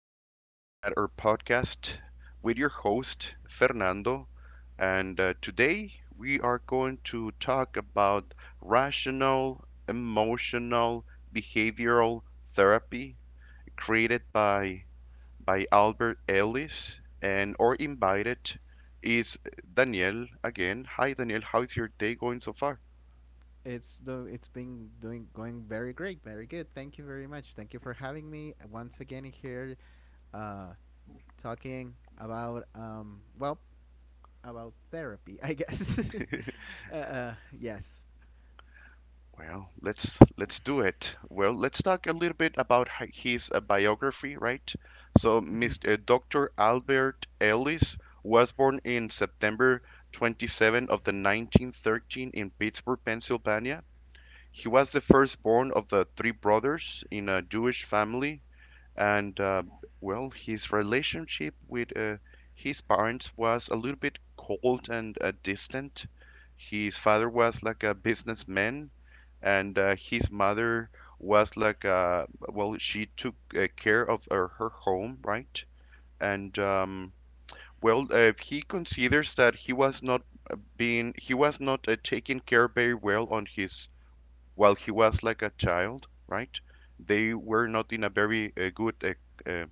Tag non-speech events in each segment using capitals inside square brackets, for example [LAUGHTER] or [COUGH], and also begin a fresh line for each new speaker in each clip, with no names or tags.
are back at our podcast with your host, Fernando. And today we are going to talk about rational, emotional, behavioral therapy created by Albert Ellis. And our invited is Daniel again. Hi, Daniel. How is your day going so far?
It's do it's been doing going very great, very good. Thank you very much. Thank you for having me once again here, uh, talking about well about therapy, I guess. [LAUGHS] Yes.
Well, let's do it. Well, let's talk a little bit about his biography, right? So,
[LAUGHS]
Mr. Dr. Albert Ellis was born in September 27th of the 1913 in Pittsburgh, Pennsylvania. He was the firstborn of the three brothers in a Jewish family and well, his relationship with his parents was a little bit cold and distant. His father was like a businessman, and his mother was like a well, she took care of her home, right? And he considers that he was not taken care very well on his while he was like a child, right? They were not in a very good uh,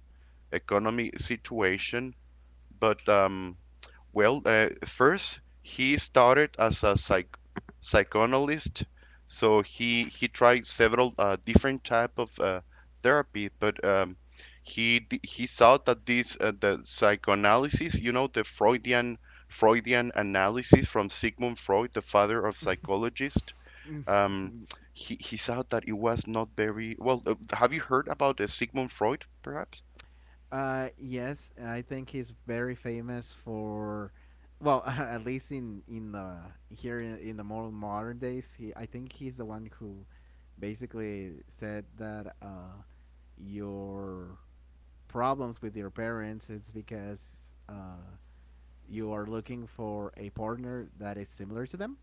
economy situation. But first he started as a psychoanalyst, so he tried several different type of therapy, but he saw that this the psychoanalysis, you know, the Freudian analysis from Sigmund Freud, the father of psychologists. Um, he saw that it was not very well. Have you heard about Sigmund Freud, perhaps?
Yes, I think he's very famous for, well, [LAUGHS] at least in the here in the more modern days. He, I think he's the one who basically said that your problems with your parents is because you are looking for a partner that is similar to them.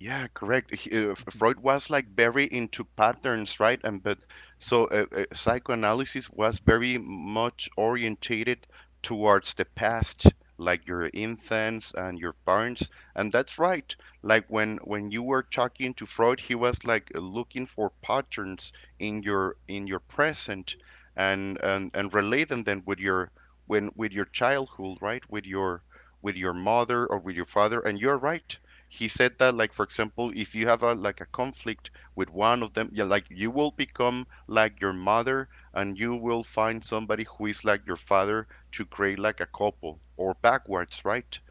Yeah, correct.
Mhm.
Freud was like very into patterns, right? And but so psychoanalysis was very much orientated towards the past, like your infants and your parents. And that's right. Like when you were talking to Freud, he was like looking for patterns in your present and relate them then with your childhood, right? With your mother or with your father. And you're right, he said that, like, for example, if you have a like a conflict with one of them, yeah, like, you will become like your mother and you will find somebody who is like your father to create like a couple, or backwards, right?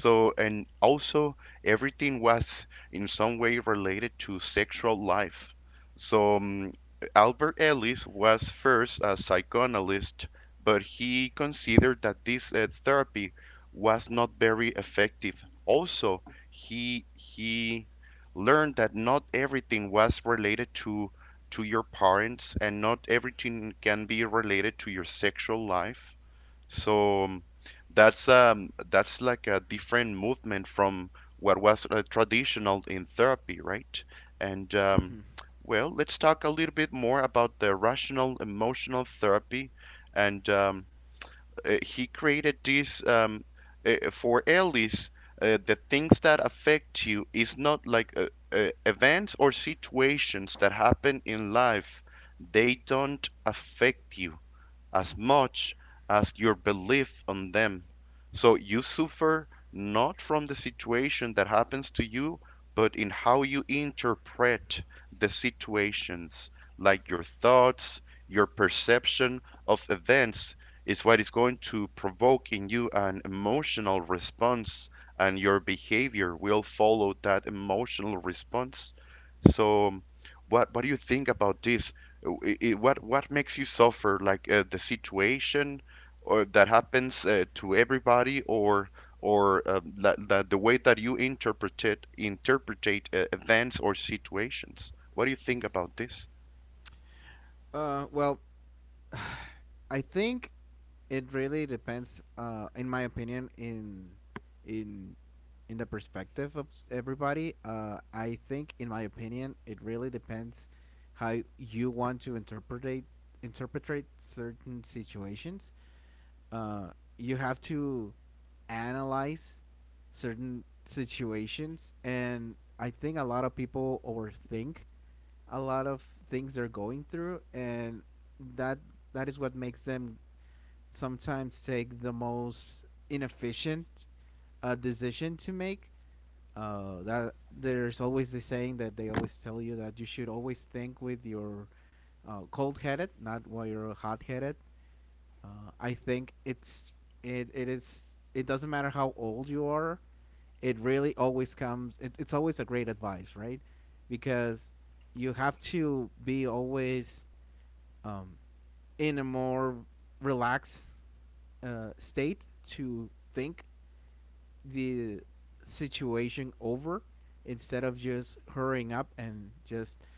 So and also everything was in some way related to sexual life. So Albert Ellis was first a psychoanalyst, but he considered that this therapy was not very effective. Also, he learned that not everything was related to your parents, and not everything can be related to your sexual life. So that's um, that's like a different movement from what was traditional in therapy, right? And um,
Mm-hmm.
well, let's talk a little bit more about the rational emotional therapy. And he created this for Ellis. The things that affect you is not like events or situations that happen in life. They don't affect you as much as your belief on them. So you suffer not from the situation that happens to you, but in how you interpret the situations, like your thoughts, your perception of events is what is going to provoke in you an emotional response, and your behavior will follow that emotional response. So, what do you think about this? What makes you suffer, like, the situation or that happens to everybody, or the way that you interpretate events or situations? What do you think about this?
Well, I think it really depends in my opinion in in the perspective of everybody. Uh, I think in my opinion it really depends how you want to interpret certain situations. Uh, you have to analyze certain situations, and I think a lot of people overthink a lot of things they're going through, and that that is what makes them sometimes take the most inefficient decision to make. That there's always the saying that they always tell you that you should always think with your cold headed, not while you're hot headed. I think it's it, it is it doesn't matter how old you are, it really always comes. It's always a great advice, right? Because you have to be always um, in a more relaxed state to think the situation over instead of just hurrying up and just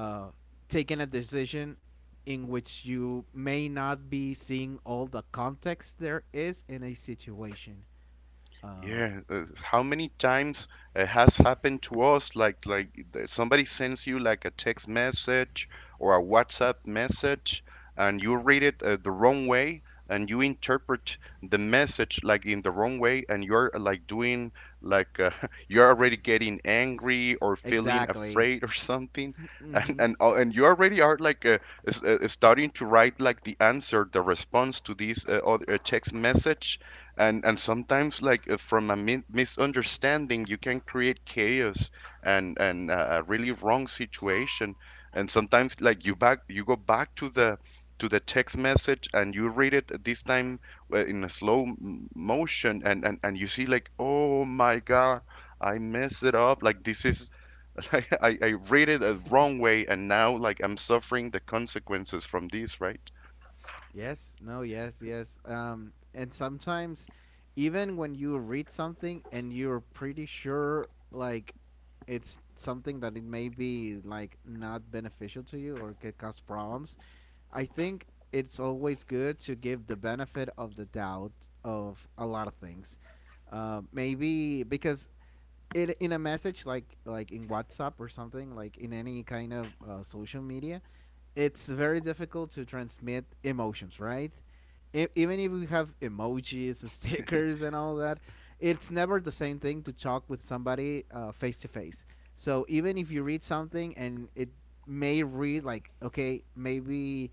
uh, taking a decision in which you may not be seeing all the context there is in a situation. Uh,
Yeah, how many times it has happened to us? Like, somebody sends you like a text message or a WhatsApp message, and you read it the wrong way, and you interpret the message like in the wrong way, and you're like doing like uh, [LAUGHS] you're already getting angry or feeling
exactly.
afraid or something,
[LAUGHS]
and
hmm
and you already are starting to write like the answer, the response to this other text message, and sometimes from a misunderstanding you can create chaos and and a really wrong situation. And sometimes like you back you go back to the text message and you read it this time in a slow motion, and you see like, oh my god, I messed it up like this is [LAUGHS] like I read it the wrong way and now like I'm suffering the consequences from this, right?
Yes, no, yes, yes. And sometimes, even when you read something and you're pretty sure, like, it's something that it may be like not beneficial to you or could cause problems, I think it's always good to give the benefit of the doubt of a lot of things. Maybe because it in a message like in WhatsApp or something like in any kind of social media, it's very difficult to transmit emotions, right? Even if we have emojis, [LAUGHS] stickers, and all that, it's never the same thing to talk with somebody face to face. So even if you read something and it may read like, okay, maybe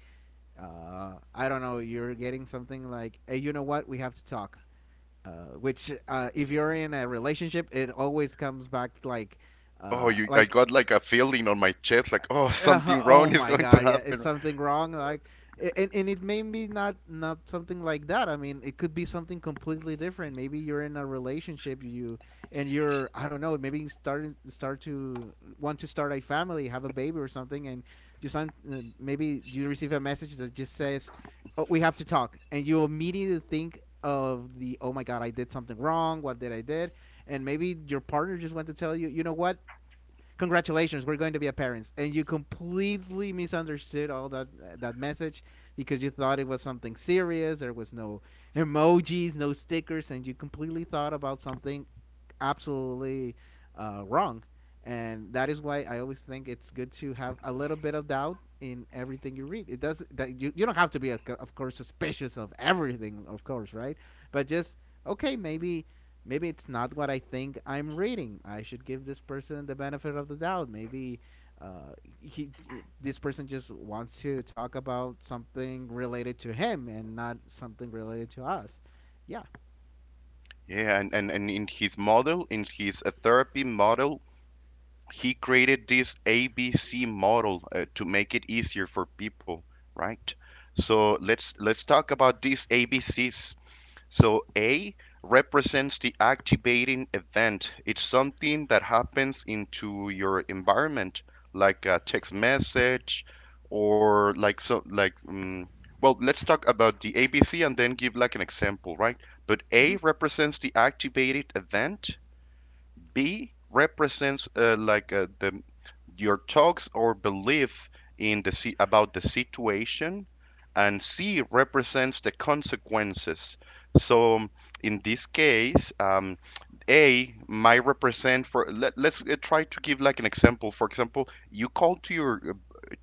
I don't know, you're getting something like, hey, you know what, we have to talk. Uh, which if you're in a relationship, it always comes back
Oh, you, I
like
got like a feeling on my chest like, oh, [LAUGHS]
[LAUGHS]
something wrong
Oh
is
my
going to
god, yeah,
happen.
it's something wrong? Like, and it may be not something like that. I mean, it could be something completely different. Maybe you're in a relationship, you and you're I don't know. Maybe you start to want to start a family, have a baby or something, and you sign, maybe you receive a message that just says, oh, "We have to talk," and you immediately think of the oh my god I did something wrong, what did I did? And maybe your partner just went to tell you you know what, congratulations, we're going to be a parents, and you completely misunderstood all that that message because you thought it was something serious. There was no emojis, no stickers, and you completely thought about something absolutely wrong. And that is why I always think it's good to have a little bit of doubt in everything you read. It does that you don't have to be of course suspicious of everything, of course, right? But just okay, maybe it's not what I think I'm reading. I should give this person the benefit of the doubt. Maybe uh, he, this person just wants to talk about something related to him and not something related to us. Yeah.
Yeah, and and in his model, in his therapy model, he created this ABC model to make it easier for people, right? So let's talk about these ABCs. So A represents the activating event. It's something that happens into your environment, like a text message, or like, well, let's talk about the ABC and then give like an example, right? But A
Mm-hmm.
represents the activated event. B represents the your thoughts or belief about the situation, and C represents the consequences. So in this case, A might represent for let's try to give like an example. For example, you call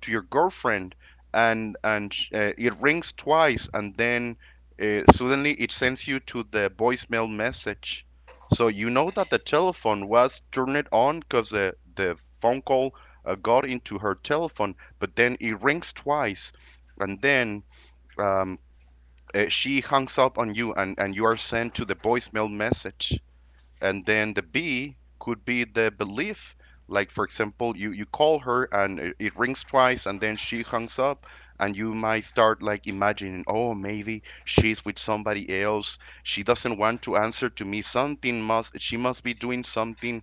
to your girlfriend, and it rings twice, and then suddenly it sends you to the voicemail message. So you know that the telephone was turned on because the phone call got into her telephone, but then it rings twice, and then um, she hangs up on you, and you are sent to the voicemail message. And then the B could be the belief. Like, for example, you call her and it rings twice, and then she hangs up, and you might start like imagining, oh, maybe she's with somebody else. She doesn't want to answer to me. Something must she must be doing something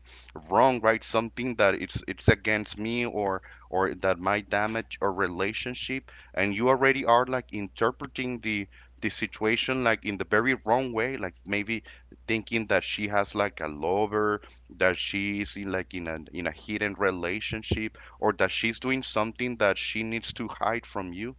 wrong, right? Something that it's against me or that might damage a relationship. And you already are like interpreting the situation like in the very wrong way, like maybe thinking that she has like a lover, that she's in like in a hidden relationship, or that she's doing something that she needs to hide from you,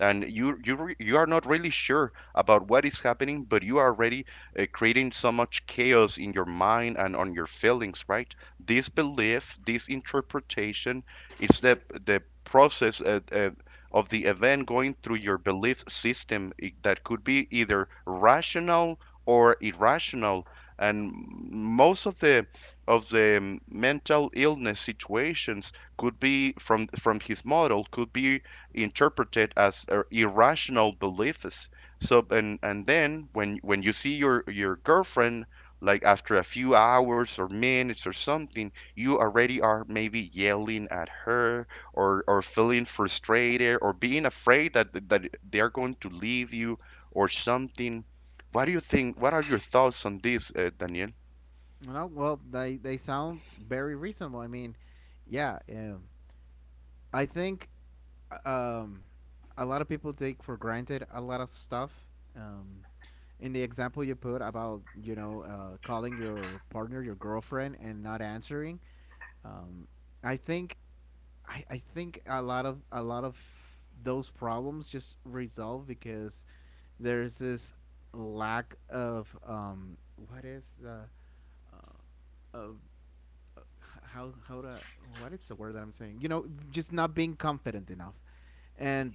and you are not really sure about what is happening, but you are already creating so much chaos in your mind and on your feelings, right? This belief, this interpretation, is the process of the event going through your belief system, that could be either rational or irrational, and most of the mental illness situations could be, from his model, could be interpreted as irrational beliefs. So, and then when you see your girlfriend like after a few hours or minutes or something, you already are maybe yelling at her or feeling frustrated or being afraid that that they're going to leave you or something. What do you think? What are your thoughts on this, Daniel?
You know, well, they sound very reasonable. I mean, yeah. I think um, a lot of people take for granted a lot of stuff. Um, in the example you put about you know calling your partner your girlfriend and not answering, um, I think I think a lot of those problems just resolve because there's this lack of what is the of how to what is the word that I'm saying? You know, just not being confident enough and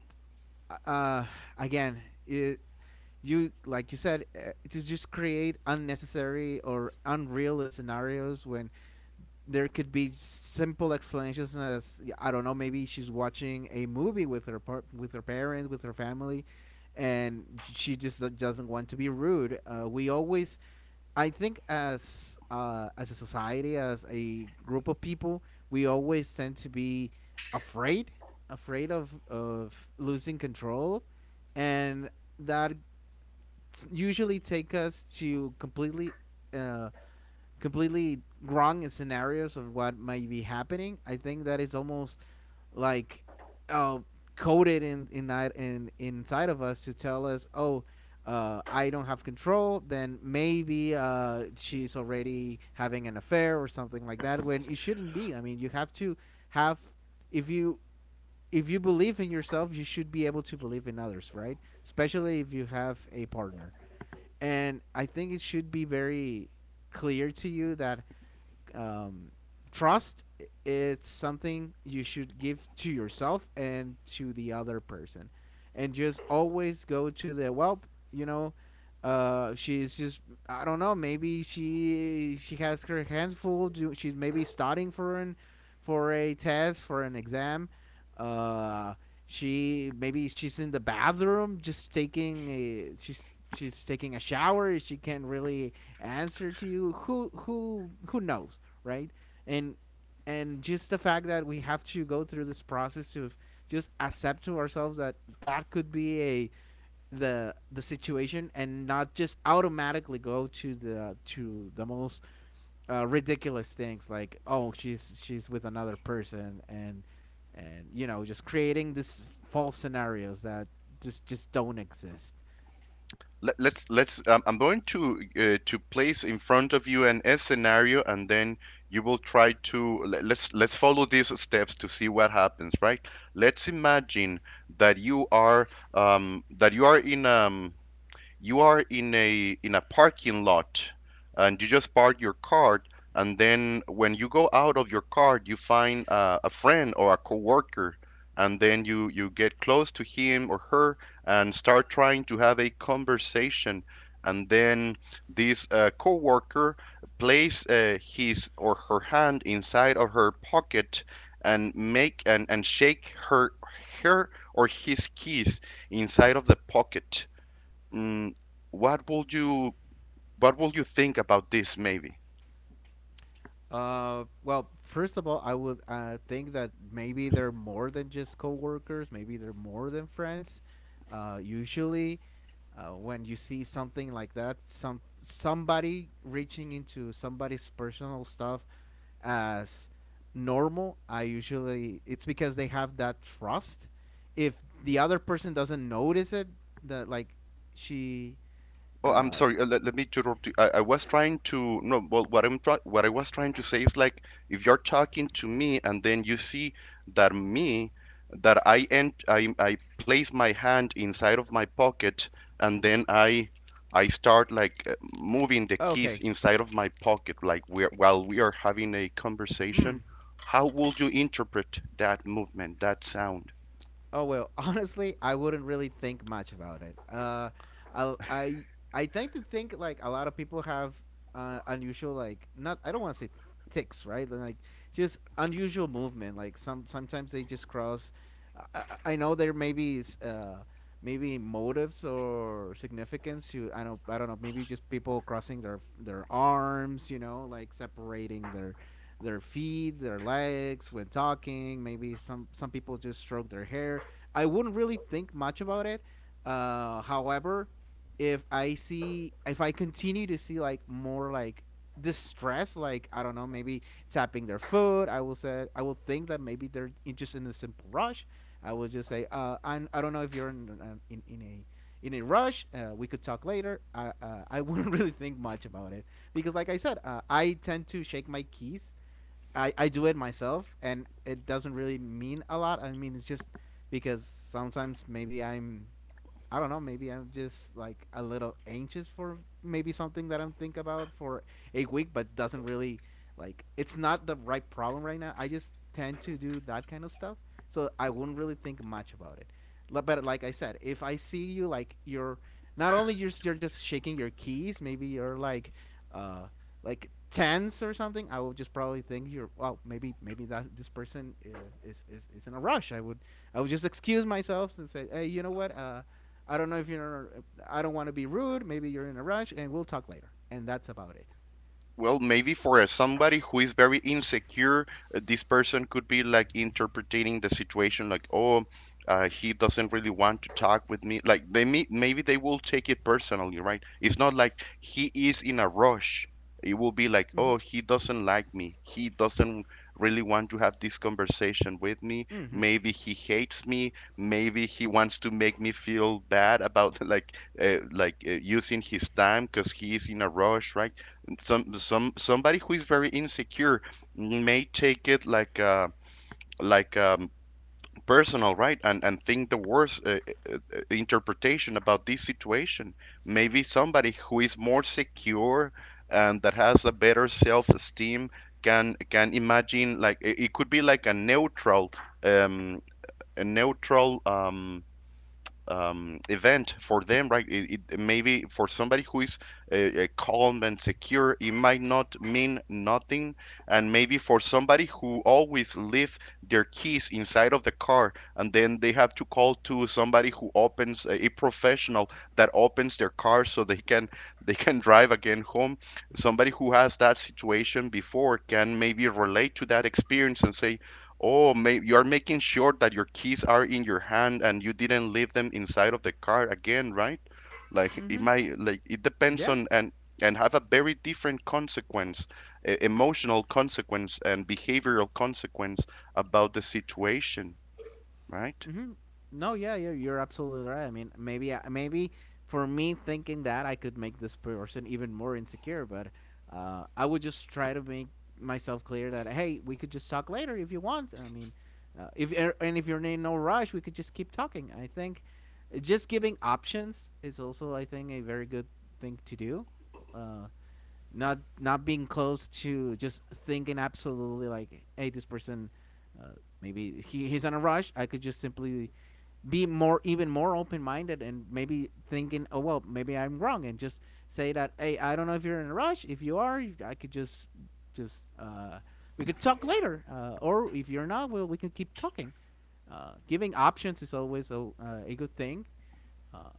uh, again, it, you like you said to just create unnecessary or unreal scenarios when there could be simple explanations as I don't know, maybe she's watching a movie with her with her parents, with her family, and she just doesn't want to be rude. We always, I think, as a society, as a group of people, we always tend to be afraid, afraid of losing control, and that usually take us to completely uh, completely wrong scenarios of what might be happening. I think that is almost like uh, coded in inside of us to tell us, oh, I don't have control. Then maybe she's already having an affair or something like that. When it shouldn't be. I mean, you have to have if you if you believe in yourself, you should be able to believe in others, right? Especially if you have a partner, and I think it should be very clear to you that um, trust, it's something you should give to yourself and to the other person, and just always go to the well, you know, she's just I don't know, maybe she has her hands full, she's maybe studying for an for a test, for an exam. Uh, she maybe she's in the bathroom just taking a she's taking a shower, she can't really answer to you. Who knows, right? And and just the fact that we have to go through this process to just accept to ourselves that that could be a the situation and not just automatically go to the most ridiculous things like oh she's with another person, and you know just creating this false scenarios that just don't exist.
Let's. I'm going to place in front of you an S scenario, and then you will try to let's follow these steps to see what happens. Right? Let's imagine that you are that you are in a parking lot, and you just park your car, and then when you go out of your car you find a friend or a coworker, and then you get close to him or her and start trying to have a conversation, and then this coworker place his or her hand inside of her pocket and make and shake her her or his keys inside of the pocket. Mm, what would you what would you think about this, maybe?
Well, first of all, I would think that maybe they're more than just coworkers. Maybe they're more than friends. Uh, usually, when you see something like that, some somebody reaching into somebody's personal stuff as normal, I usually it's because they have that trust. If the other person doesn't notice it, that like she,
Oh,
uh,
I'm sorry. Let me interrupt you. I was trying to no. Well, what I'm try, what I was trying to say is like, if you're talking to me, and then you see that me, that I end I place my hand inside of my pocket, and then I start moving the
okay,
keys inside of my pocket like we're while we are having a
hmm,
conversation. How would you interpret that movement, that sound?
oh well, [LAUGHS] honestly, I wouldn't really think much about it. Uh, I I I tend to think like a lot of people have unusual like not I don't want to say ticks right, like just unusual movement, like sometimes they just cross. I, I know there maybe is maybe motives or significance to I don't know, maybe just people crossing their arms, you know, like separating their feet, their legs when talking. Maybe some people just stroke their hair. I wouldn't really think much about it. However, if I see if I continue to see like more like distress, like I don't know, maybe tapping their foot, I will think that maybe they're in, just in a simple rush. I will just say, I'm, I don't know if you're in in a rush. We could talk later. I [LAUGHS] wouldn't really think much about it because, like I said, I tend to shake my keys. I do it myself and it doesn't really mean a lot. I mean, it's just because sometimes I don't know, maybe I'm just like a little anxious for maybe something that I'm think about for a week, but doesn't really like, it's not the right problem right now. I just tend to do that kind of stuff. So I wouldn't really think much about it. But like I said, if I see you like you're not only you're just shaking your keys, maybe you're uh like tense or something, I would just probably think you're well, maybe that this person is in a rush. I would just excuse myself and say, hey, you know what? I don't know if you're. I don't want to be rude. Maybe you're in a rush, and we'll talk later. And that's about it.
Well, maybe for a somebody who is very insecure, this person could be like interpreting the situation like, oh, he doesn't really want to talk with me. Like they may, maybe they will take it personally, right? It's not like he is in a rush. It will be like,
Mm-hmm.
oh, he doesn't like me. He doesn't really want to have this conversation with me.
Mm-hmm.
Maybe he hates me. Maybe he wants to make me feel bad about [LAUGHS] like, using his time because he is in a rush, right? Somebody who is very insecure may take it like personal, right, and think the worst interpretation about this situation. Maybe somebody who is more secure and that has a better self-esteem can imagine like it could be like um a neutral event for them, right? It maybe for somebody who is calm and secure, it might not mean nothing, and maybe for somebody who always leave their keys inside of the car, and then they have to call to somebody who opens a professional that opens their car so they can [LAUGHS] they can drive again home. Somebody who has that situation before can maybe relate to that experience and say, oh, may, you're making sure that your keys are in your hand and you didn't leave them inside of the car again, right? Like it
Mm-hmm.
might, like it depends
Yeah,
on and have a very different consequence, e- emotional consequence and behavioral consequence about the situation, right?
hmm no, yeah, you're absolutely right. I mean, maybe for me thinking that I could make this person even more insecure, but I would just try to make myself clear that hey, we could just talk later if you want. I mean, if and if you're in no rush, we could just keep talking. I think just giving options is also, I think, a very good thing to do. Uh, not being close to just thinking absolutely like, hey, this person, uh, maybe he's on a rush, I could just simply be more, even more open-minded, and maybe thinking, oh well, maybe I'm wrong, and just say that, hey, I don't know if you're in a rush. If you are, I could just we could talk later, or if you're not, well, we can keep talking. Giving options is always a good thing uh,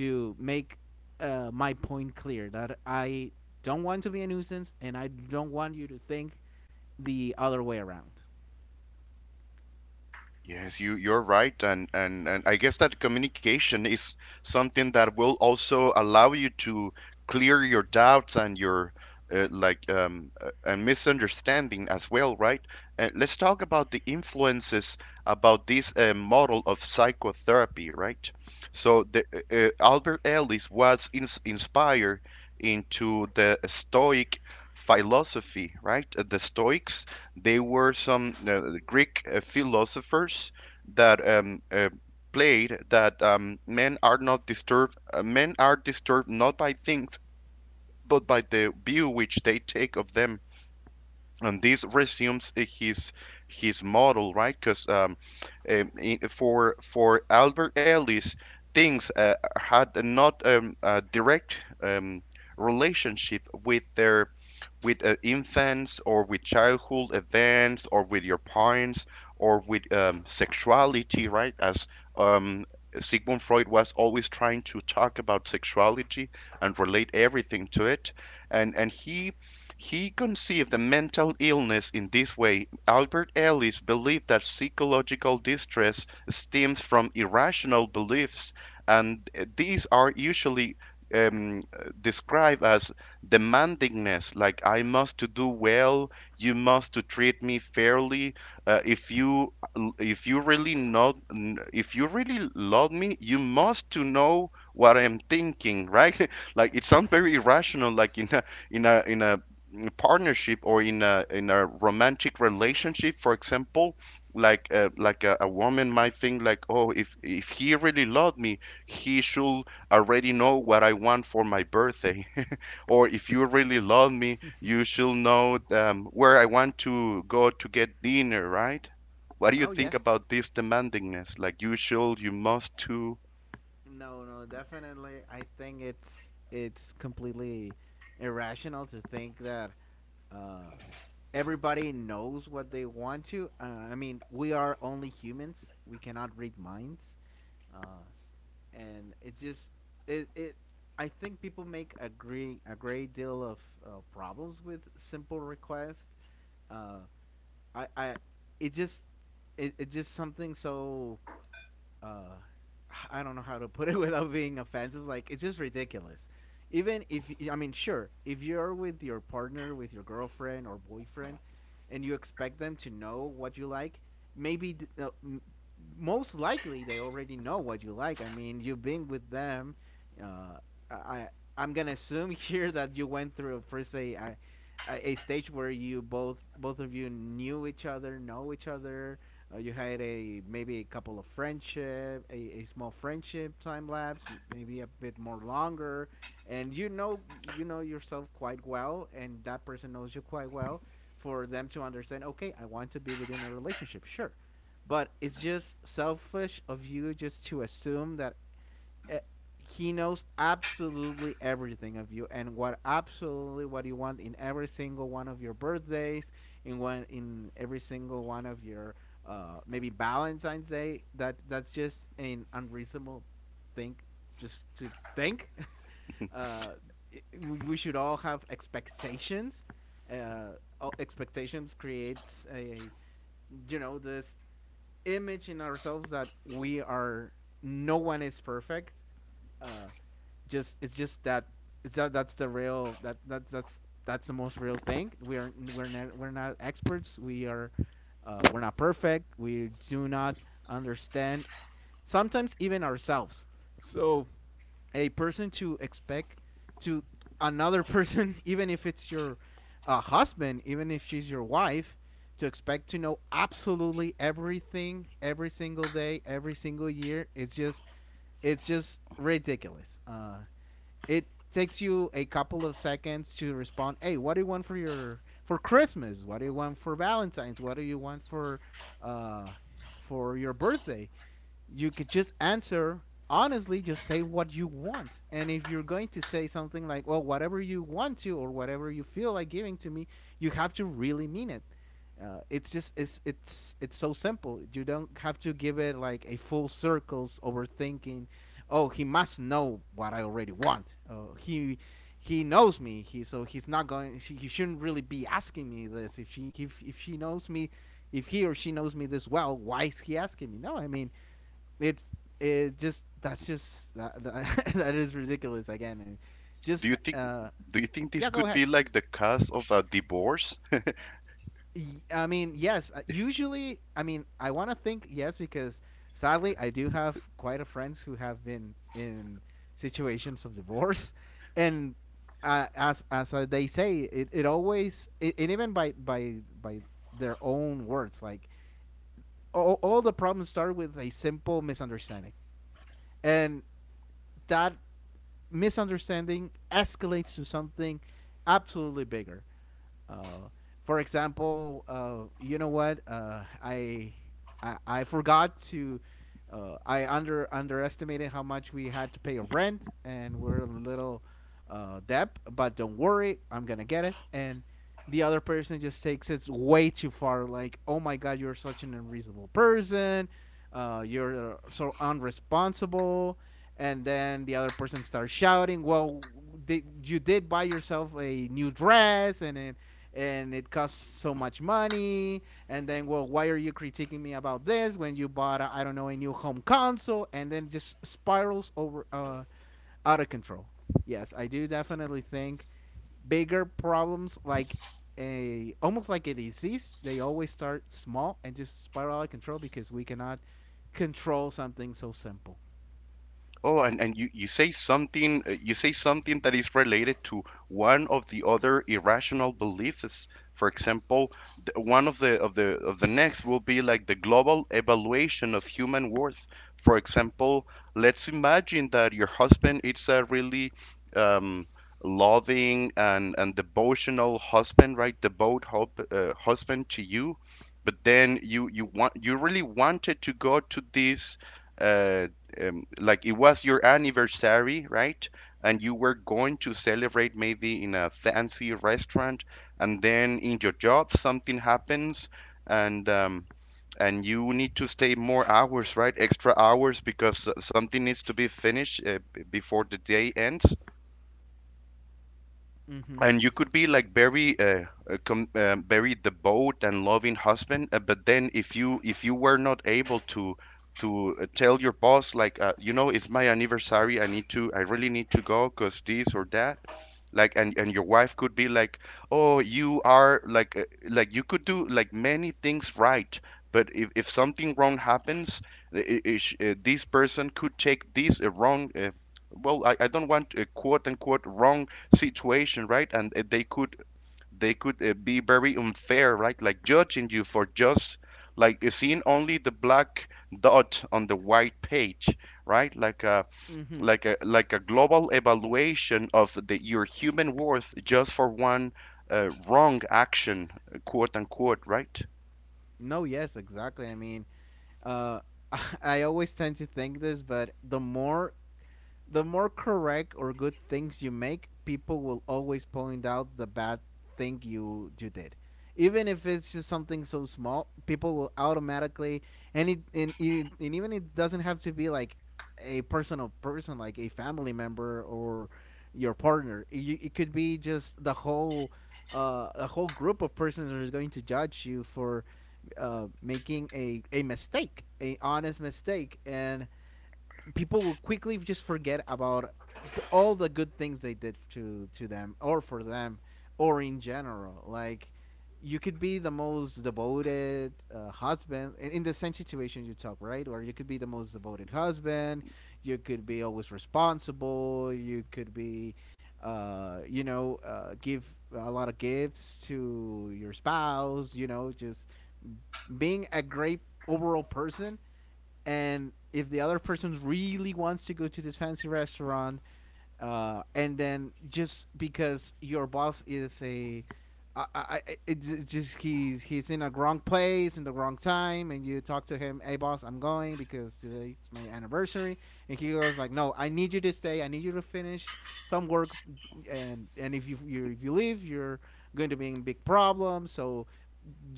to make my point clear, that I don't want to be a nuisance and I don't want you to think the other way around.
Yes, you're right, and I guess that communication is something that will also allow you to clear your doubts and your and misunderstanding as well, right? Let's talk about the influences about this model of psychotherapy, right? So Albert Ellis was inspired into the Stoic philosophy, right? The Stoics, they were some Greek philosophers that played that men are not disturbed. Men are disturbed not by things, but by the view which they take of them, and this resumes his model, right? Because for Albert Ellis, things had not a direct relationship with their with infants, or with childhood events, or with your parents, or with sexuality, right? As um, Sigmund Freud was always trying to talk about sexuality and relate everything to it, and he conceived the mental illness in this way. Albert Ellis believed that psychological distress stems from irrational beliefs, and these are usually described as demandingness, like I must to do well, you must to treat me fairly. Uh, if you if you really not if you really love me, you must to know what I'm thinking, right? [LAUGHS] Like it sounds very irrational, like in a in a in a in partnership or in a romantic relationship, for example. Like like a woman might think like, oh, if he really loved me, he should already know what I want for my birthday, [LAUGHS] or if you really love me, you should know where I want to go to get dinner, right? What do you
No,
think
yes.
about this demandingness, like you should, you must to
No, no, definitely. I think it's completely irrational to think that uh, everybody knows what they want to. I mean, we are only humans. We cannot read minds. Uh, and it just it it I think people make a great deal of problems with simple requests. Uh, I It just it just something so uh I don't know how to put it [LAUGHS] without being offensive. Like, it's just ridiculous. Even if, I mean, sure, if you're with your partner, with your girlfriend or boyfriend, and you expect them to know what you like, maybe th- uh, m- most likely they already know what you like. I mean, you've been with them. Uh, I I'm gonna assume [LAUGHS] here that you went through first a stage where you both both of you knew each other, know each other, you had a, maybe a couple of friendship, a small friendship time lapse, maybe a bit more longer, and you know yourself quite well, and that person knows you quite well, for them to understand. Okay, I want to be within a relationship, sure, but it's just selfish of you just to assume that eh, he knows absolutely everything of you, and what absolutely what you want in every single one of your birthdays, in every single one of your maybe Valentine's Day. That's just an unreasonable thing, just to think. [LAUGHS] uh, we should all have expectations. Uh, Expectations creates a, you know, this image in ourselves that we are, no one is perfect, uh, just it's just that it's that that's that's the most real thing. We are, we're not experts. We are, we're not perfect. We do not understand sometimes even ourselves. So a person to expect to another [LAUGHS] person, even if it's your husband, even if she's your wife, to expect to know absolutely everything every single day, every single year. It's just ridiculous. It takes you a couple of seconds to respond. Hey, what do you want for your, for Christmas? What do you want for Valentine's? What do you want uh, for your birthday? You could just answer honestly, just say what you want. And if you're going to say something like, well, whatever you want to, or whatever you feel like giving to me, you have to really mean it. It's just, it's it's so simple. You don't have to give it like a full circles overthinking. Oh, he must know what I already want. Oh, he knows me, he, so he's not going, he shouldn't really be asking me this if she, if she knows me, if he or she knows me this well, why is he asking me? No, I mean, it's, it just, that's just that, [LAUGHS] that is ridiculous again. And just
do you think,
uh
do you think this
yeah, go
could
ahead.
be like the cause of a divorce?
I mean, yes, usually, I mean, I want to think yes, because sadly I do have quite a friends who have been in situations of divorce [LAUGHS] and as they say it, it always, and even by their own words like, all the problems start with a simple misunderstanding, and that misunderstanding escalates to something absolutely bigger. Uh, for example, you know what? I forgot to. I under underestimated how much we had to pay of rent, and we're a little debt. But don't worry, I'm gonna get it. And the other person just takes it way too far. Like, oh my God, you're such an unreasonable person. You're so unresponsible. And then the other person starts shouting, well, you did buy yourself a new dress, and it costs so much money. And then, well, why are you critiquing me about this when you bought, a, I don't know, a new home console? And then just spirals over out of control. Yes, I do definitely think bigger problems, like a, almost like a disease, they always start small and just spiral out of control because we cannot control something so simple.
Oh, and you say something you say something that is related to one of the other irrational beliefs. For example, the, one of the next will be like the global evaluation of human worth. For example, let's imagine that your husband is a really um, loving and devotional husband, right? Devout hope, husband to you, but then you want you really wanted to go to this Uh, like it was your anniversary, right? And you were going to celebrate maybe in a fancy restaurant, and then in your job something happens, and um, and you need to stay more hours, right? Extra hours, because something needs to be finished before the day ends,
Mm-hmm.
and you could be like very very devout and loving husband, but then if you were not able to tell your boss like, you know, it's my anniversary, I need to I really need to go because this or that. And your wife could be like, oh, you are like you could do like many things, right? But if something wrong happens, this person could take this wrong well, I don't want a quote unquote wrong situation, right? And they could be very unfair, right? Like judging you for just like, eh, seeing only the black dot on the white page, right? Like a
Mm-hmm.
like a like a global evaluation of the your human worth just for one wrong action, eh, quote unquote, right?
No, yes, exactly. I mean, uh [LAUGHS] I always tend to think this, but the more correct or good things you make, people will always point out the bad thing you did. Even if it's just something so small, people will automatically, and even it doesn't have to be like a personal person, like a family member or your partner. It, you- it could be just the whole a whole group of persons that is going to judge you for making a mistake, a honest mistake, and people will quickly just forget about all the good things they did to them or for them, or in general. Like, you could be the most devoted husband in the same situation you talk, right? Or you could be the most devoted husband, you could be always responsible, you could be you know, give a lot of gifts to your spouse, you know, just being a great overall person. And if the other person really wants to go to this fancy restaurant, and then just because your boss is a, it just, he's in a wrong place in the wrong time, and you talk to him, "Hey, boss, I'm going because today's my anniversary," and he goes like, "No, I need you to stay. I need you to finish some work, and if you, if you leave, you're going to be in big problems. So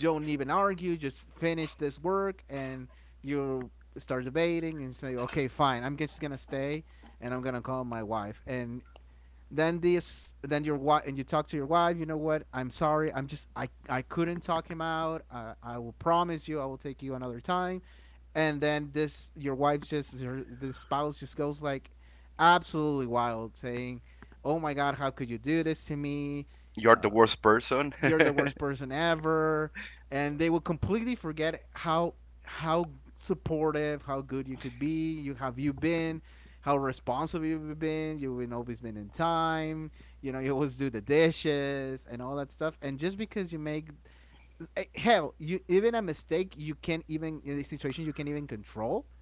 don't even argue. Just finish this work." And you start debating and say, okay, fine, I'm just gonna stay, and I'm gonna call my wife. And then this, then your wife, and you talk to your wife. You know what? I'm sorry. I'm just, I couldn't talk him out. I will promise you, I will take you another time. And then this, your wife just her, this spouse just goes like absolutely wild, saying, "Oh my God, how could you do this to me?"
You're
Uh,
the worst person.
you're the worst person ever, and they will completely forget how supportive, how good you could be, you been, how responsive you've been, you've always been in time, you know, you always do the dishes and all that stuff. And just because you make hell, you even a mistake, you can't even, in a situation you can't even control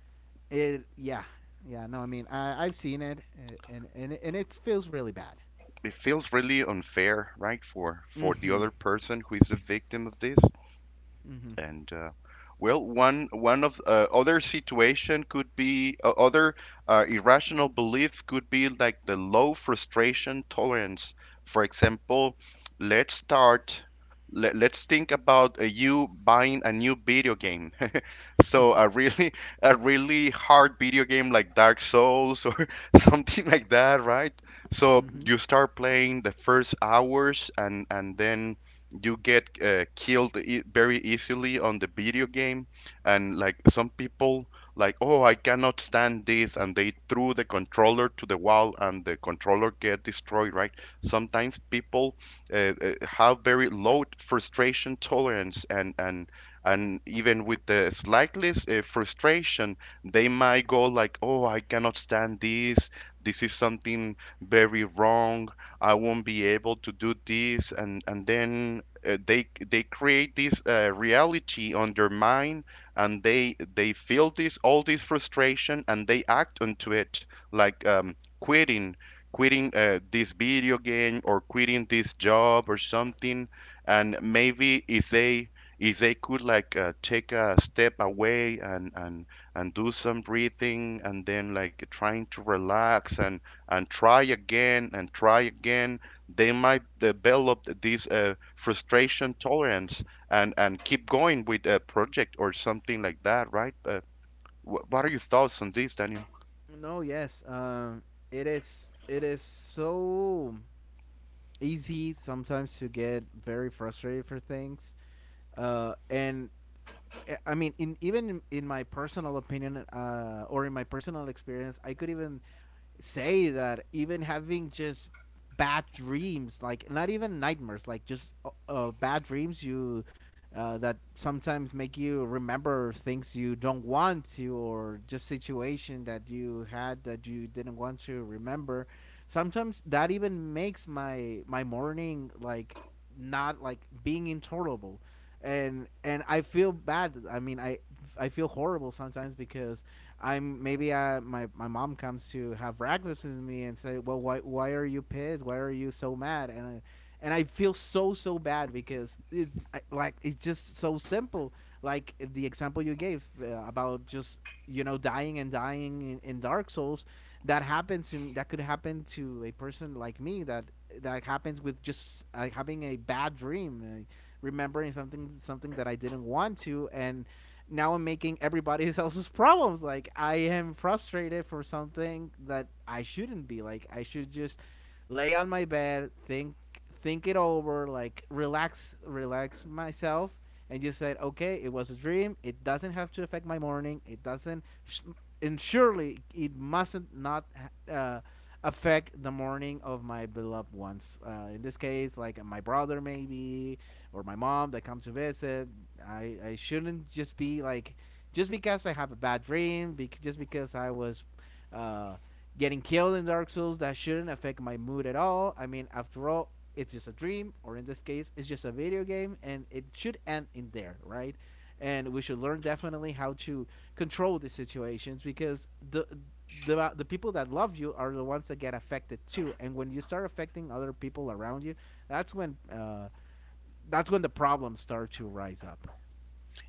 it. Yeah, yeah. No, I mean, I've seen it, and it feels really bad.
[LAUGHS] It feels really unfair, right, for the
Mm-hmm.
other person who is the victim of this.
Mm-hmm.
And well, one one of other situation could be other irrational belief could be like the low frustration tolerance. For example, let's start. Let, let's think about you buying a new video game. So a really [LAUGHS] a really hard video game like Dark Souls or [LAUGHS] something like that, right? So
Mm-hmm.
you start playing the first hours and then you get killed e- very easily on the video game, and like some people like, oh, I cannot stand this, and they threw the controller to the wall and the controller get destroyed, right? Sometimes people have very low frustration tolerance, and even with the slightest frustration, they might go like, oh, I cannot stand this, this is something very wrong, I won't be able to do this. And then they create this reality on their mind, and they feel this all this frustration and they act onto it, like quitting quitting this video game or quitting this job or something. And maybe if they could like take a step away and do some breathing, and then like trying to relax and try again and try again, they might develop this frustration tolerance and keep going with a project or something like that, right? What are your thoughts on this, Daniel?
No, yes. It is. It is so easy sometimes to get very frustrated for things. Uh, and I mean, in, even in my personal opinion or in my personal experience, I could even say that even having just bad dreams, like not even nightmares, like just, bad dreams, you that sometimes make you remember things you don't want to, or just situation that you had that you didn't want to remember. Sometimes that even makes my morning like, not like being intolerable, and I feel bad. I mean, I feel horrible sometimes because I'm, maybe I, my mom comes to have breakfast with me and say, "Well, why are you pissed? Why are you so mad?" And I, and I feel so, so bad, because it, like it's just so simple. Like the example you gave about just, you know, dying and dying in Dark Souls, that happens to, that could happen to a person like me, that that happens with just having a bad dream. Remembering something that I didn't want to, and now I'm making everybody [LAUGHS] else's problems. Like, I am frustrated for something that I shouldn't be. Like, I should just lay on my bed, think it over, like relax, relax myself, and just say, okay, it was a dream. It doesn't have to affect my morning. It doesn't, and surely it mustn't not uh, affect the morning of my beloved ones. In this case, like my brother, maybe, or my mom that come to visit. I shouldn't just be like, just because I have a bad dream, just because I was uh, getting killed in Dark Souls, that shouldn't affect my mood at all. I mean, after all, it's just a dream, or in this case, it's just a video game, and it should end in there, right? And we should learn definitely how to control these situations because the people that love you are the ones that get affected too. And when you start affecting other people around you, that's when uh, that's when the problems start to rise up.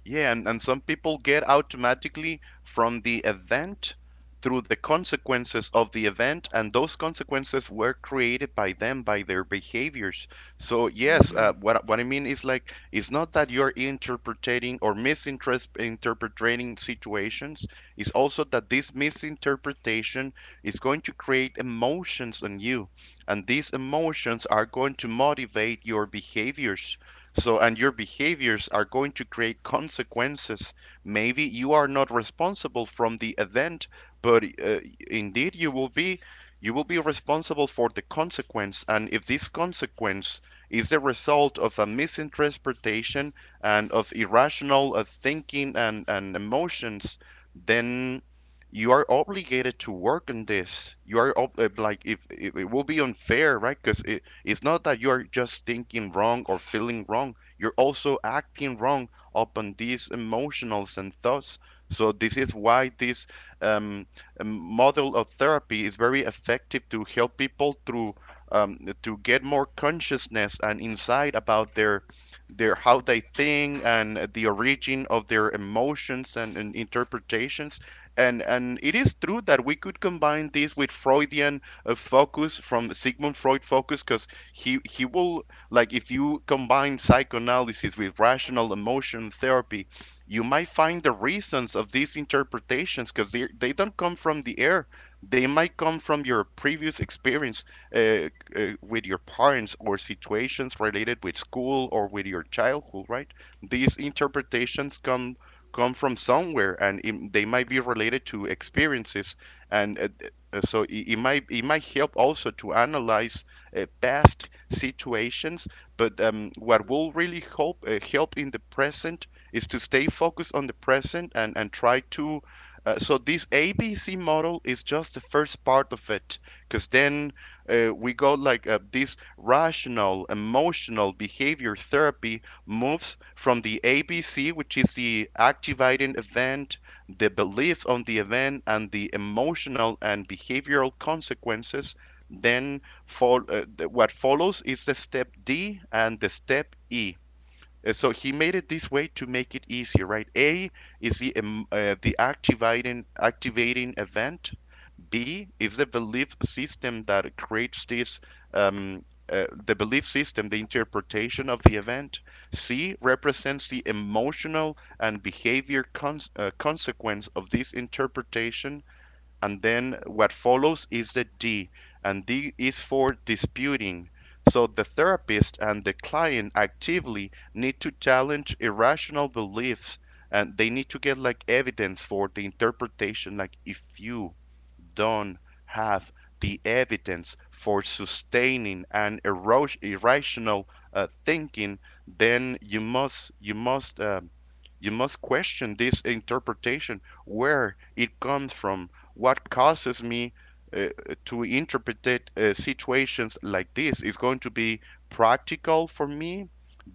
Yeah, and some people get automatically from the event through the consequences of the event, and those consequences were created by them, by their behaviors. So yes,
Mm-hmm.
what I mean is like it's not that you're interpreting or misinterpreting situations. It's also that this misinterpretation is going to create emotions in you, and these emotions are going to motivate your behaviors. So, and your behaviors are going to create consequences. Maybe you are not responsible from the event, but indeed you will be responsible for the consequence. And if this consequence is the result of a misinterpretation and of irrational thinking and emotions, then you are obligated to work on this. Like if it will be unfair, right? Because it's not that you are just thinking wrong or feeling wrong, you're also acting wrong upon these emotionals and thoughts. So this is why this um, um, model of therapy is very effective to help people through to get more consciousness and insight about their how they think and the origin of their emotions and interpretations. And it is true that we could combine this with Freudian focus, from Sigmund Freud focus, because he will, like if you combine psychoanalysis with rational emotion therapy, you might find the reasons of these interpretations, because they don't come from the air, they might come from your previous experience uh, with your parents or situations related with school or with your childhood, right? These interpretations come come from somewhere, and it, they might be related to experiences. And So it, it might help also to analyze past situations. But what will really help help in the present is to stay focused on the present and try to. So this ABC model is just the first part of it, because then we go like this rational emotional behavior therapy moves from the ABC, which is the activating event, the belief on the event, and the emotional and behavioral consequences. Then the, what follows is the step D and the step E. So he made it this way to make it easier, right? A is the activating activating event. B is the belief system that creates this um, the belief system, the interpretation of the event. C represents the emotional and behavior consequence of this interpretation. And then what follows is the D, and D is for disputing. So the therapist and the client actively need to challenge irrational beliefs, and they need to get like evidence for the interpretation. Like if you don't have the evidence for sustaining an irrational thinking, then you must question this interpretation, where it comes from, what causes me uh, to interpret situations like this. Is going to be practical for me?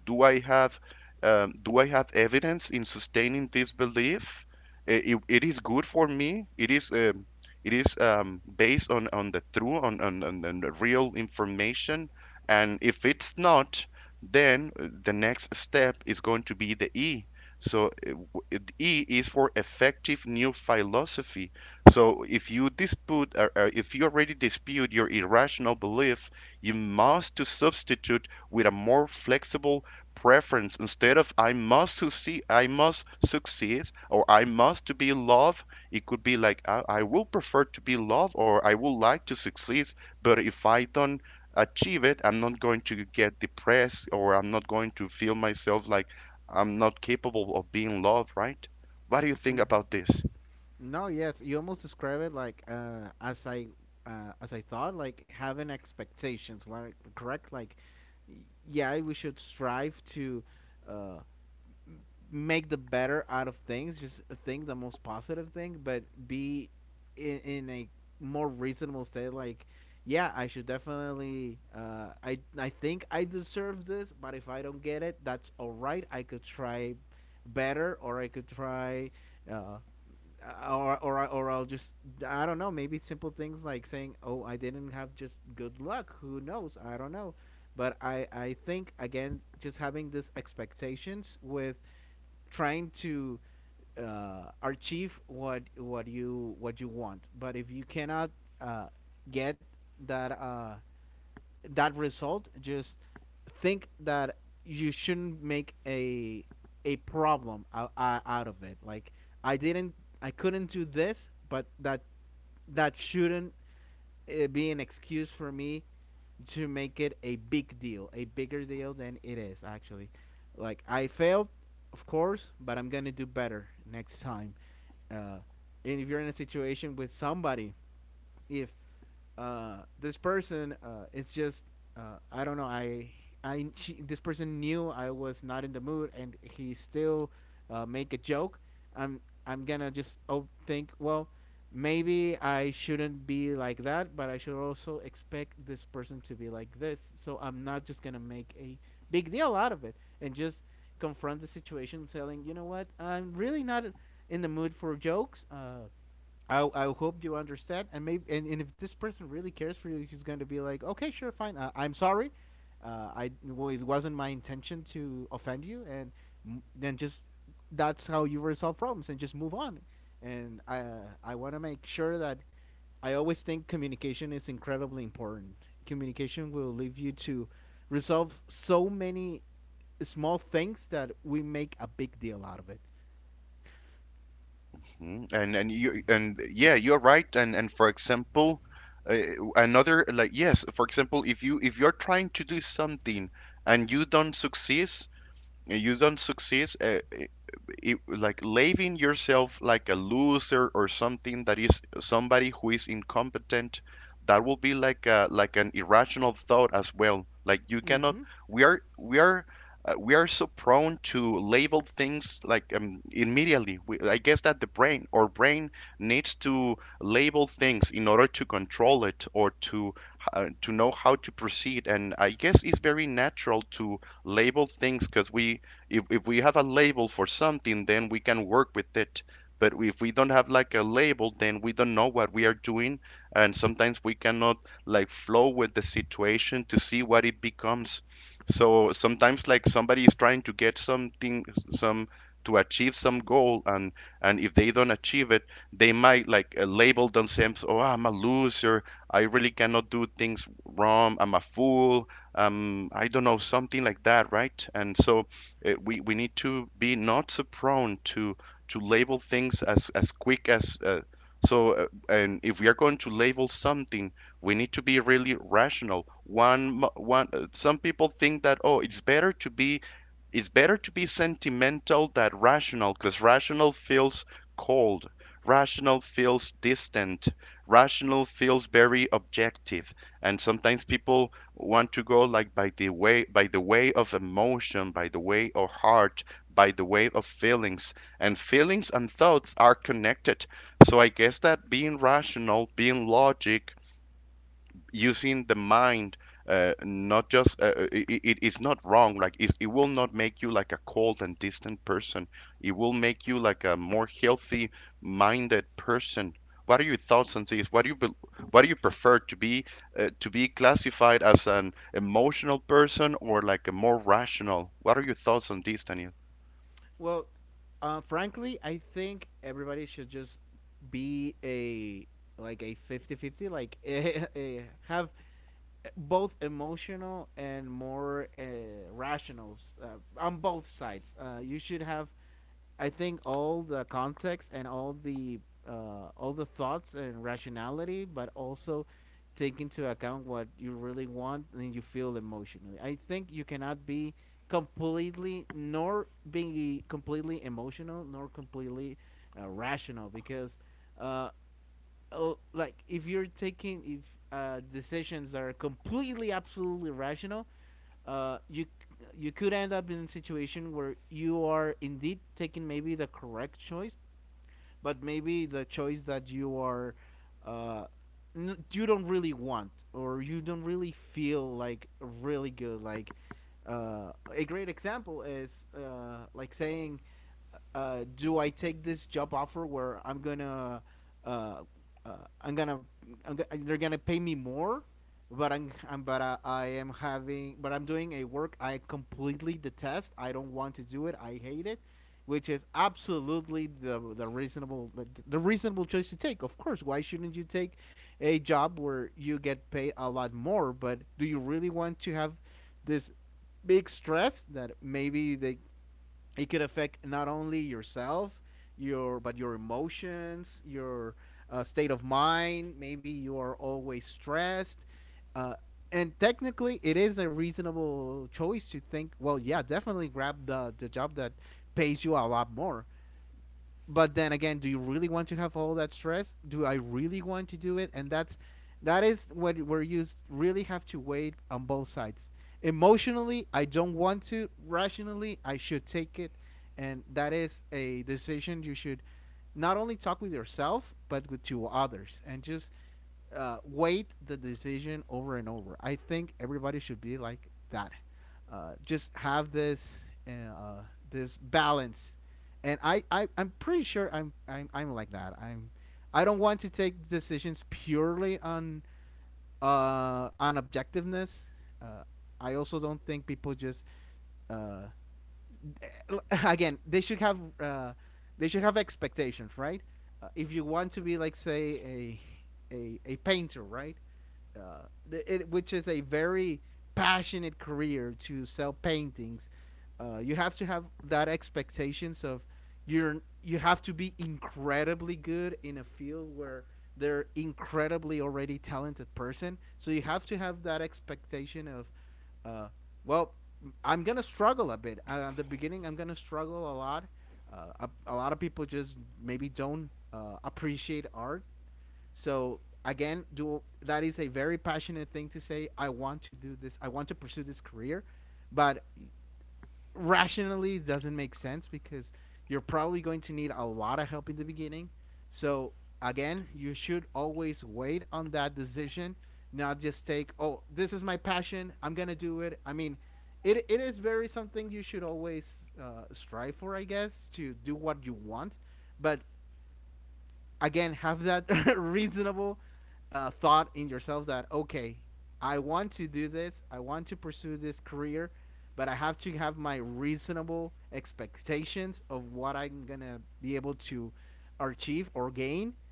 Do I have do I have evidence in sustaining this belief? It is good for me. It is. It is based on the true, on the real information. And if it's not, then the next step is going to be the E. So E is for effective new philosophy. So if you dispute, or if you already dispute your irrational belief, you must to substitute with a more flexible preference instead of I must succeed, or I must to be loved. It could be like, I will prefer to be loved or I would like to succeed, but if I don't achieve it, I'm not going to get depressed or I'm not going to feel myself like I'm not capable of being loved, right? What do you think
Mm-hmm.
about this?
No, yes, you almost describe it like as I thought, like having expectations, like correct, like yeah, we should strive to uh, make the better out of things. Just think the most positive thing, but be in a more reasonable state. Like, yeah, I should definitely. I think I deserve this, but if I don't get it, that's all right. I could try better, or I could try uh, or I don't know. Maybe simple things like saying, "Oh, I didn't have just good luck. Who knows? I don't know." But I think again, just having these expectations with trying to achieve what you want. But if you cannot uh, get that uh, that result, just think that you shouldn't make a problem out of it. Like I didn't, I couldn't do this, but that shouldn't be an excuse for me to make it a big deal, a bigger deal than it is actually. Like I failed, of course, but I'm gonna do better next time. Uh, and if you're in a situation with somebody if this person it's just I don't know this person knew I was not in the mood and he still make a joke. I'm gonna just oh think well maybe I shouldn't be like that, but I should also expect this person to be like this, so I'm not just gonna make a big deal out of it and just confront the situation, telling you know what, I'm really not in the mood for jokes. I hope you understand. And maybe and if this person really cares for you, he's going to be like, okay, sure, fine, I'm sorry, I well, it wasn't my intention to offend you, and then just that's how you resolve problems and just move on. And I want to make sure that I always think communication is incredibly important. Communication will lead you to resolve so many small things that we make a big deal out of it.
Mhm. And yeah, you're right. And for example, uh, another like yes, for example, if you if you're trying to do something and you don't succeed, you don't succeed. Like labeling yourself like a loser or something that is somebody who is incompetent, that will be like like an irrational thought as well. Like you cannot,
Mhm.
we are we are we are so prone to label things like immediately I guess that the brain needs to label things in order to control it or to know how to proceed. And I guess it's very natural to label things, because we if we have a label for something, then we can work with it. But if we don't have like a label, then we don't know what we are doing, and sometimes we cannot like flow with the situation to see what it becomes. So sometimes like somebody is trying to get something some to achieve some goal, and if they don't achieve it, they might like label themselves, oh, I'm a loser, I really cannot do things wrong, I'm a fool, I don't know, something like that, right? And so we need to be not so prone to label things as quick as So and if we are going to label something, we need to be really rational. One mo- one Some people think that, oh, it's better to be, it's better to be sentimental than rational, because rational feels cold, rational feels distant, rational feels very objective. And sometimes people want to go like by the way, by the way of emotion, by the way of heart, by the way of feelings. And feelings and thoughts are connected. So I guess that being rational, being logic, using the mind, not just it, it's not wrong. Like it will not make you like a cold and distant person, it will make you like a more healthy minded person. What are your thoughts on this? What do you prefer to be, to be classified as an emotional person or like a more rational? What are your thoughts on this, Daniel?
Well, frankly, I think everybody should just be a like a fifty-fifty, like [LAUGHS] have both emotional and more rational on both sides. You should have, I think, all the context and all the thoughts and rationality, but also take into account what you really want and you feel emotionally. I think you cannot be completely, nor be completely emotional, nor completely rational, because uh, oh, like if you're taking if decisions that are completely absolutely rational, uh, you you could end up in a situation where you are indeed taking maybe the correct choice, but maybe the choice that you are uh, you don't really want or you don't really feel like really good. Like a great example is like saying, do I take this job offer where uh, uh, i'm gonna they're gonna pay me more, but I'm but I am having but I'm doing a work I completely detest. I don't want to do it. I hate it, which is absolutely the reasonable choice to take. Of course, why shouldn't you take a job where you get paid a lot more? But do you really want to have this big stress that maybe they it could affect not only yourself, your emotions, your state of mind? Maybe you are always stressed. uh, and technically, it is a reasonable choice to think, well, yeah, definitely grab the job that pays you a lot more. But then again, do you really want to have all that stress? Do I really want to do it? And that is what where you really have to wait on both sides. Emotionally, I don't want to; rationally, I should take it. And that is a decision you should not only talk with yourself, but with two others, and just wait the decision over and over. I think everybody should be like that. Just have uh, this balance. And I'm pretty sure I'm like that. I don't want to take decisions purely on objectiveness. Uh, i also don't think people just uh again, they should have expectations, right? If you want to be like, say, a painter, right? Uh, which is a very passionate career, to sell paintings. You have to have that expectations of, you have to be incredibly good in a field where they're incredibly already talented person. So you have to have that expectation of, uh, well, I'm gonna struggle a bit at the beginning. I'm gonna struggle a lot. A lot of people just maybe don't appreciate art. So again, do that is a very passionate thing to say. I want to do this. I want to pursue this career, but rationally doesn't make sense because you're probably going to need a lot of help in the beginning. So again, you should always wait on that decision, not just take, oh, this is my passion, I'm gonna do it. I mean, it is very something you should always strive for, I guess, to do what you want. But again, have that [LAUGHS] reasonable thought in yourself that, okay, I want to do this, I want to pursue this career, but I have to have my reasonable expectations of what I'm gonna be able to achieve or gain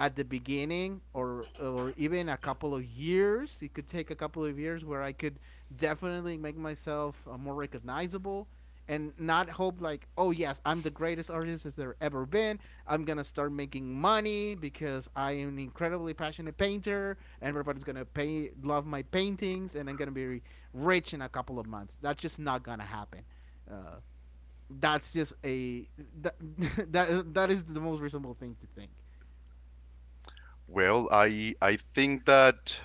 at the beginning, or even a couple of years. It could take a couple of years where I could definitely make myself more recognizable, and not hope like, oh yes, I'm the greatest artist as there ever been, I'm gonna start making money because I am an incredibly passionate painter and everybody's gonna love my paintings and I'm gonna be rich in a couple of months. That's just not gonna happen. uh, that's just a that, [LAUGHS] that is the most reasonable thing to think.
Well, I think that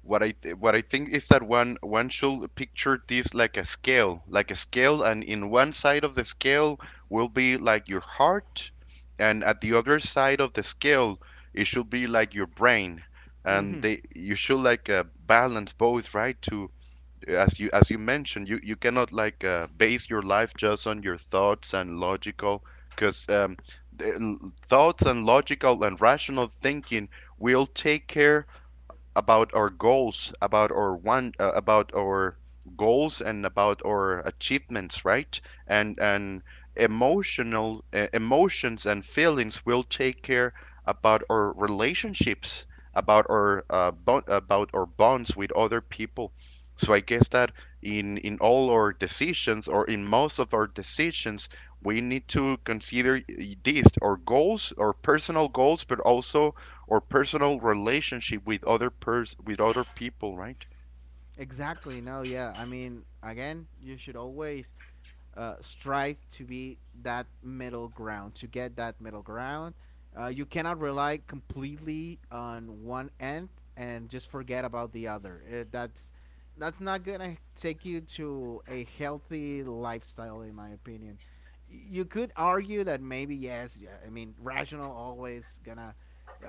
what I think is that one, one should picture this like a scale, and in one side of the scale will be like your heart, and at the other side of the scale it should be like your brain, and
Mm-hmm.
they you should like balance both, right? To, as you mentioned, you cannot like base your life just on your thoughts and logical, because thoughts and logical and rational thinking will take care about our goals, about our about our goals and about our achievements, right? And emotional emotions and feelings will take care about our relationships, about our about our bonds with other people. So I guess that in all our decisions or in most of our decisions, we need to consider this our goals, our personal goals, but also or personal relationship with other pers with other people, right?
Exactly. No, yeah. I mean, again, you should always strive to be that middle ground, to get that middle ground. You cannot rely completely on one end and just forget about the other. That's not gonna take you to a healthy lifestyle, in my opinion. You could argue that, maybe yes, yeah, I mean, rational always gonna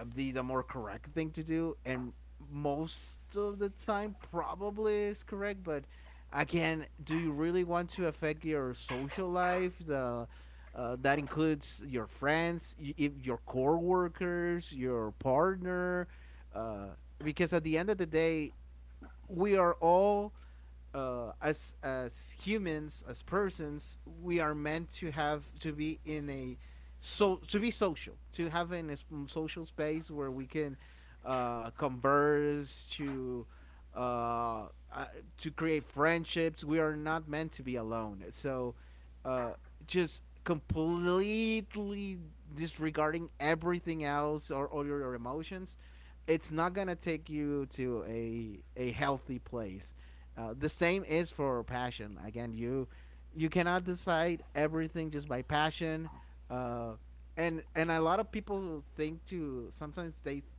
be the more correct thing to do, and most of the time probably is correct. But again, do you really want to affect your social life, the that includes your friends, y- if your coworkers, your partner, uh, because at the end of the day, we are all, as humans, as persons, we are meant to have to be in a, so to be social, to have in a social space where we can converse to uh, uh, create friendships. We are not meant to be alone, so uh, just completely disregarding everything else or all your emotions, it's not gonna take you to a healthy place. The same is for passion. Again, you cannot decide everything just by passion. Uh, and a lot of people think to, sometimes they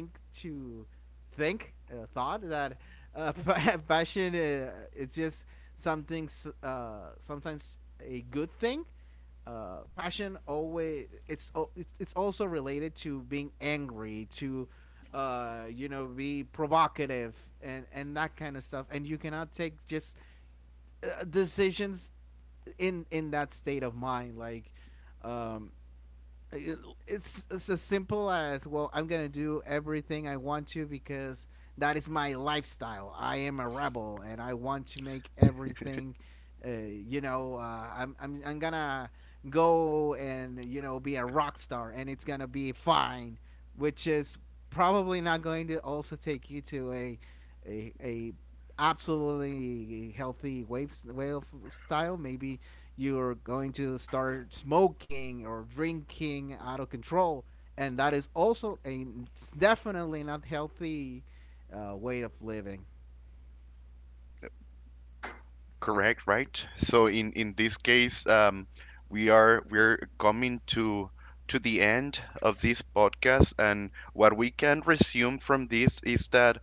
think to think thought that uh, [LAUGHS] passion is just something, sometimes a good thing. Passion, always it's also related to being angry, to you know, be provocative and that kind of stuff, and you cannot take just decisions in that state of mind. Like, um it's as simple as, well, I'm gonna do everything I want to, because that is my lifestyle, I am a rebel and I want to make everything, you know, I'm gonna go and, you know, be a rock star and it's gonna be fine. Which is probably not going to also take you to a absolutely healthy wave way of style. Maybe you're going to start smoking or drinking out of control, and that is also a definitely not healthy way of living.
Correct, right? So in this case, we are we're coming to the end of this podcast, and what we can resume from this is that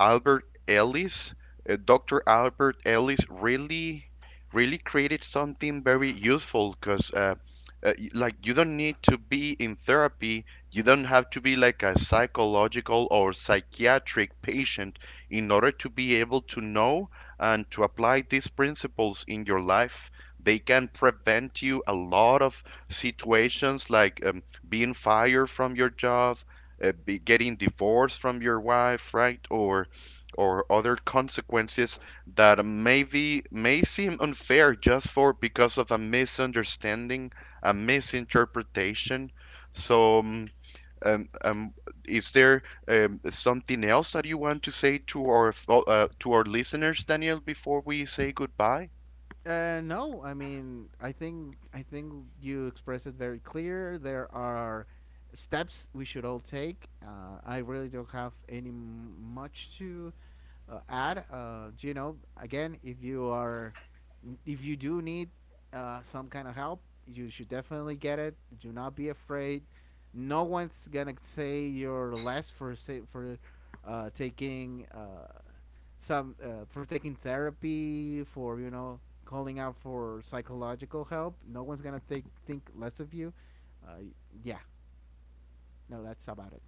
Albert Ellis, Dr. Albert Ellis, really, really created something very useful because, like, you don't need to be in therapy. You don't have to be like a psychological or psychiatric patient in order to be able to know and to apply these principles in your life. They can prevent you a lot of situations like being fired from your job, be getting divorced from your wife, right? Or other consequences that may be may seem unfair just for because of a misunderstanding, a misinterpretation. So, um, um, is there something else that you want to say to our to our listeners, Daniel, before we say goodbye?
No, I mean, I think you expressed it very clear. There are steps we should all take. I really don't have any much to add. You know, again, if you do need some kind of help, you should definitely get it. Do not be afraid. No one's gonna say you're less for say for taking. Some for taking therapy, for, you know, calling out for psychological help. No one's gonna think less of you. Uh, yeah, no, that's about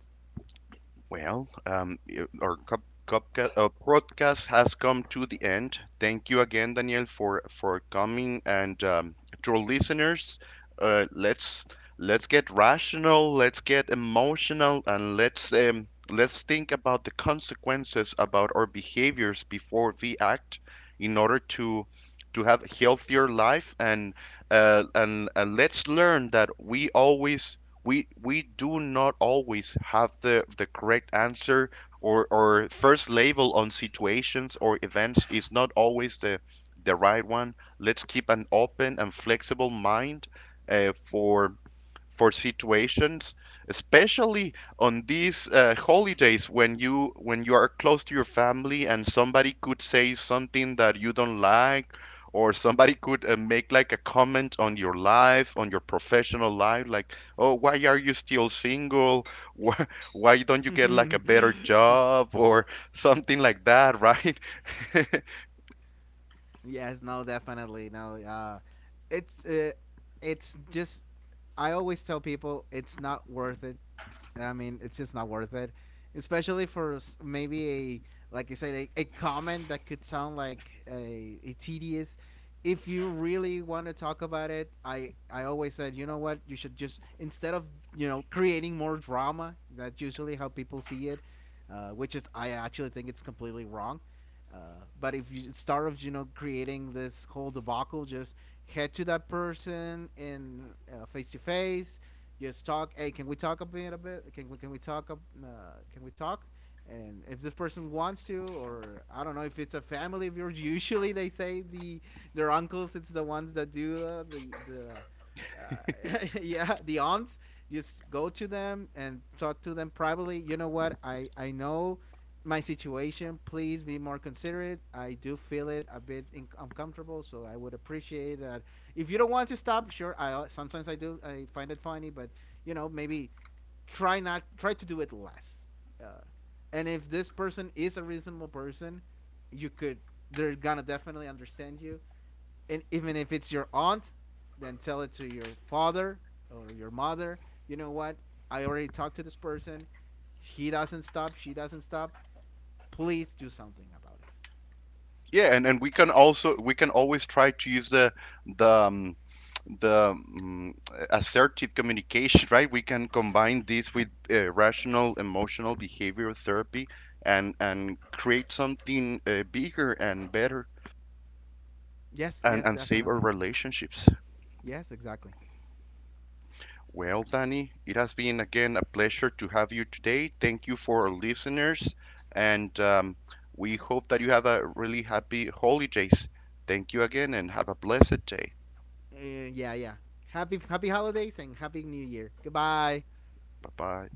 Well, our podcast has come to the end. Thank you again, Daniel, for coming. And to our listeners, uh, let's let's get rational, let's get emotional, and let's think about the consequences about our behaviors before we act, in order to have a healthier life. And let's learn that we always we do not always have the correct answer, or first label on situations or events is not always the right one. Let's keep an open and flexible mind uh, for for situations, especially on these holidays when you are close to your family and somebody could say something that you don't like, or somebody could make like a comment on your life, on your professional life, like, "Oh, why are you still single? [LAUGHS] Why, why don't you get like a
it.
better
[LAUGHS]
job?" Or something like that, right? [LAUGHS]
Yes, no, definitely. No, it's uh, it's just I always tell people, it's not worth it. I mean, it's just not worth it, especially for maybe a, like you said, a comment that could sound like a tedious. If you really want to talk about it, I always said, you know what, you should just, instead of, you know, creating more drama, that's usually how people see it, which is, I actually think it's completely wrong uh, but if you start of, you know, creating this whole debacle, just head to that person in face to face. Just talk. Hey, can we talk a bit? A bit? Can we talk? Can we talk? And if this person wants to, or I don't know, if it's a family of yours. [LAUGHS] Usually they say their uncles. It's the ones that do, the [LAUGHS] yeah, the aunts. Just go to them and talk to them privately. You know what? I know my situation. Please be more considerate. I do feel it a bit uncomfortable, so I would appreciate that. If you don't want to stop, sure. I Sometimes I do. I find it funny, but, you know, maybe try not try to do it less. Uh, and if this person is a reasonable person, you could they're gonna definitely understand you. And even if it's your aunt, then tell it to your father or your mother. You know what? I already talked to this person. He doesn't stop. She doesn't stop. Please do something about it.
Yeah, and we can also we can always try to use the the mm, assertive communication, right? We can combine this with rational emotional behavior therapy and create something bigger and better,
Yes, yes,
and save our
definitely.
relationships.
Yes, exactly.
Well, Danny, it has been again a pleasure to have you today. Thank you for our listeners, and we hope that you have a really happy holidays. Thank you again and have a blessed day.
Yeah, yeah. Happy holidays and happy new year. Goodbye.
Bye bye.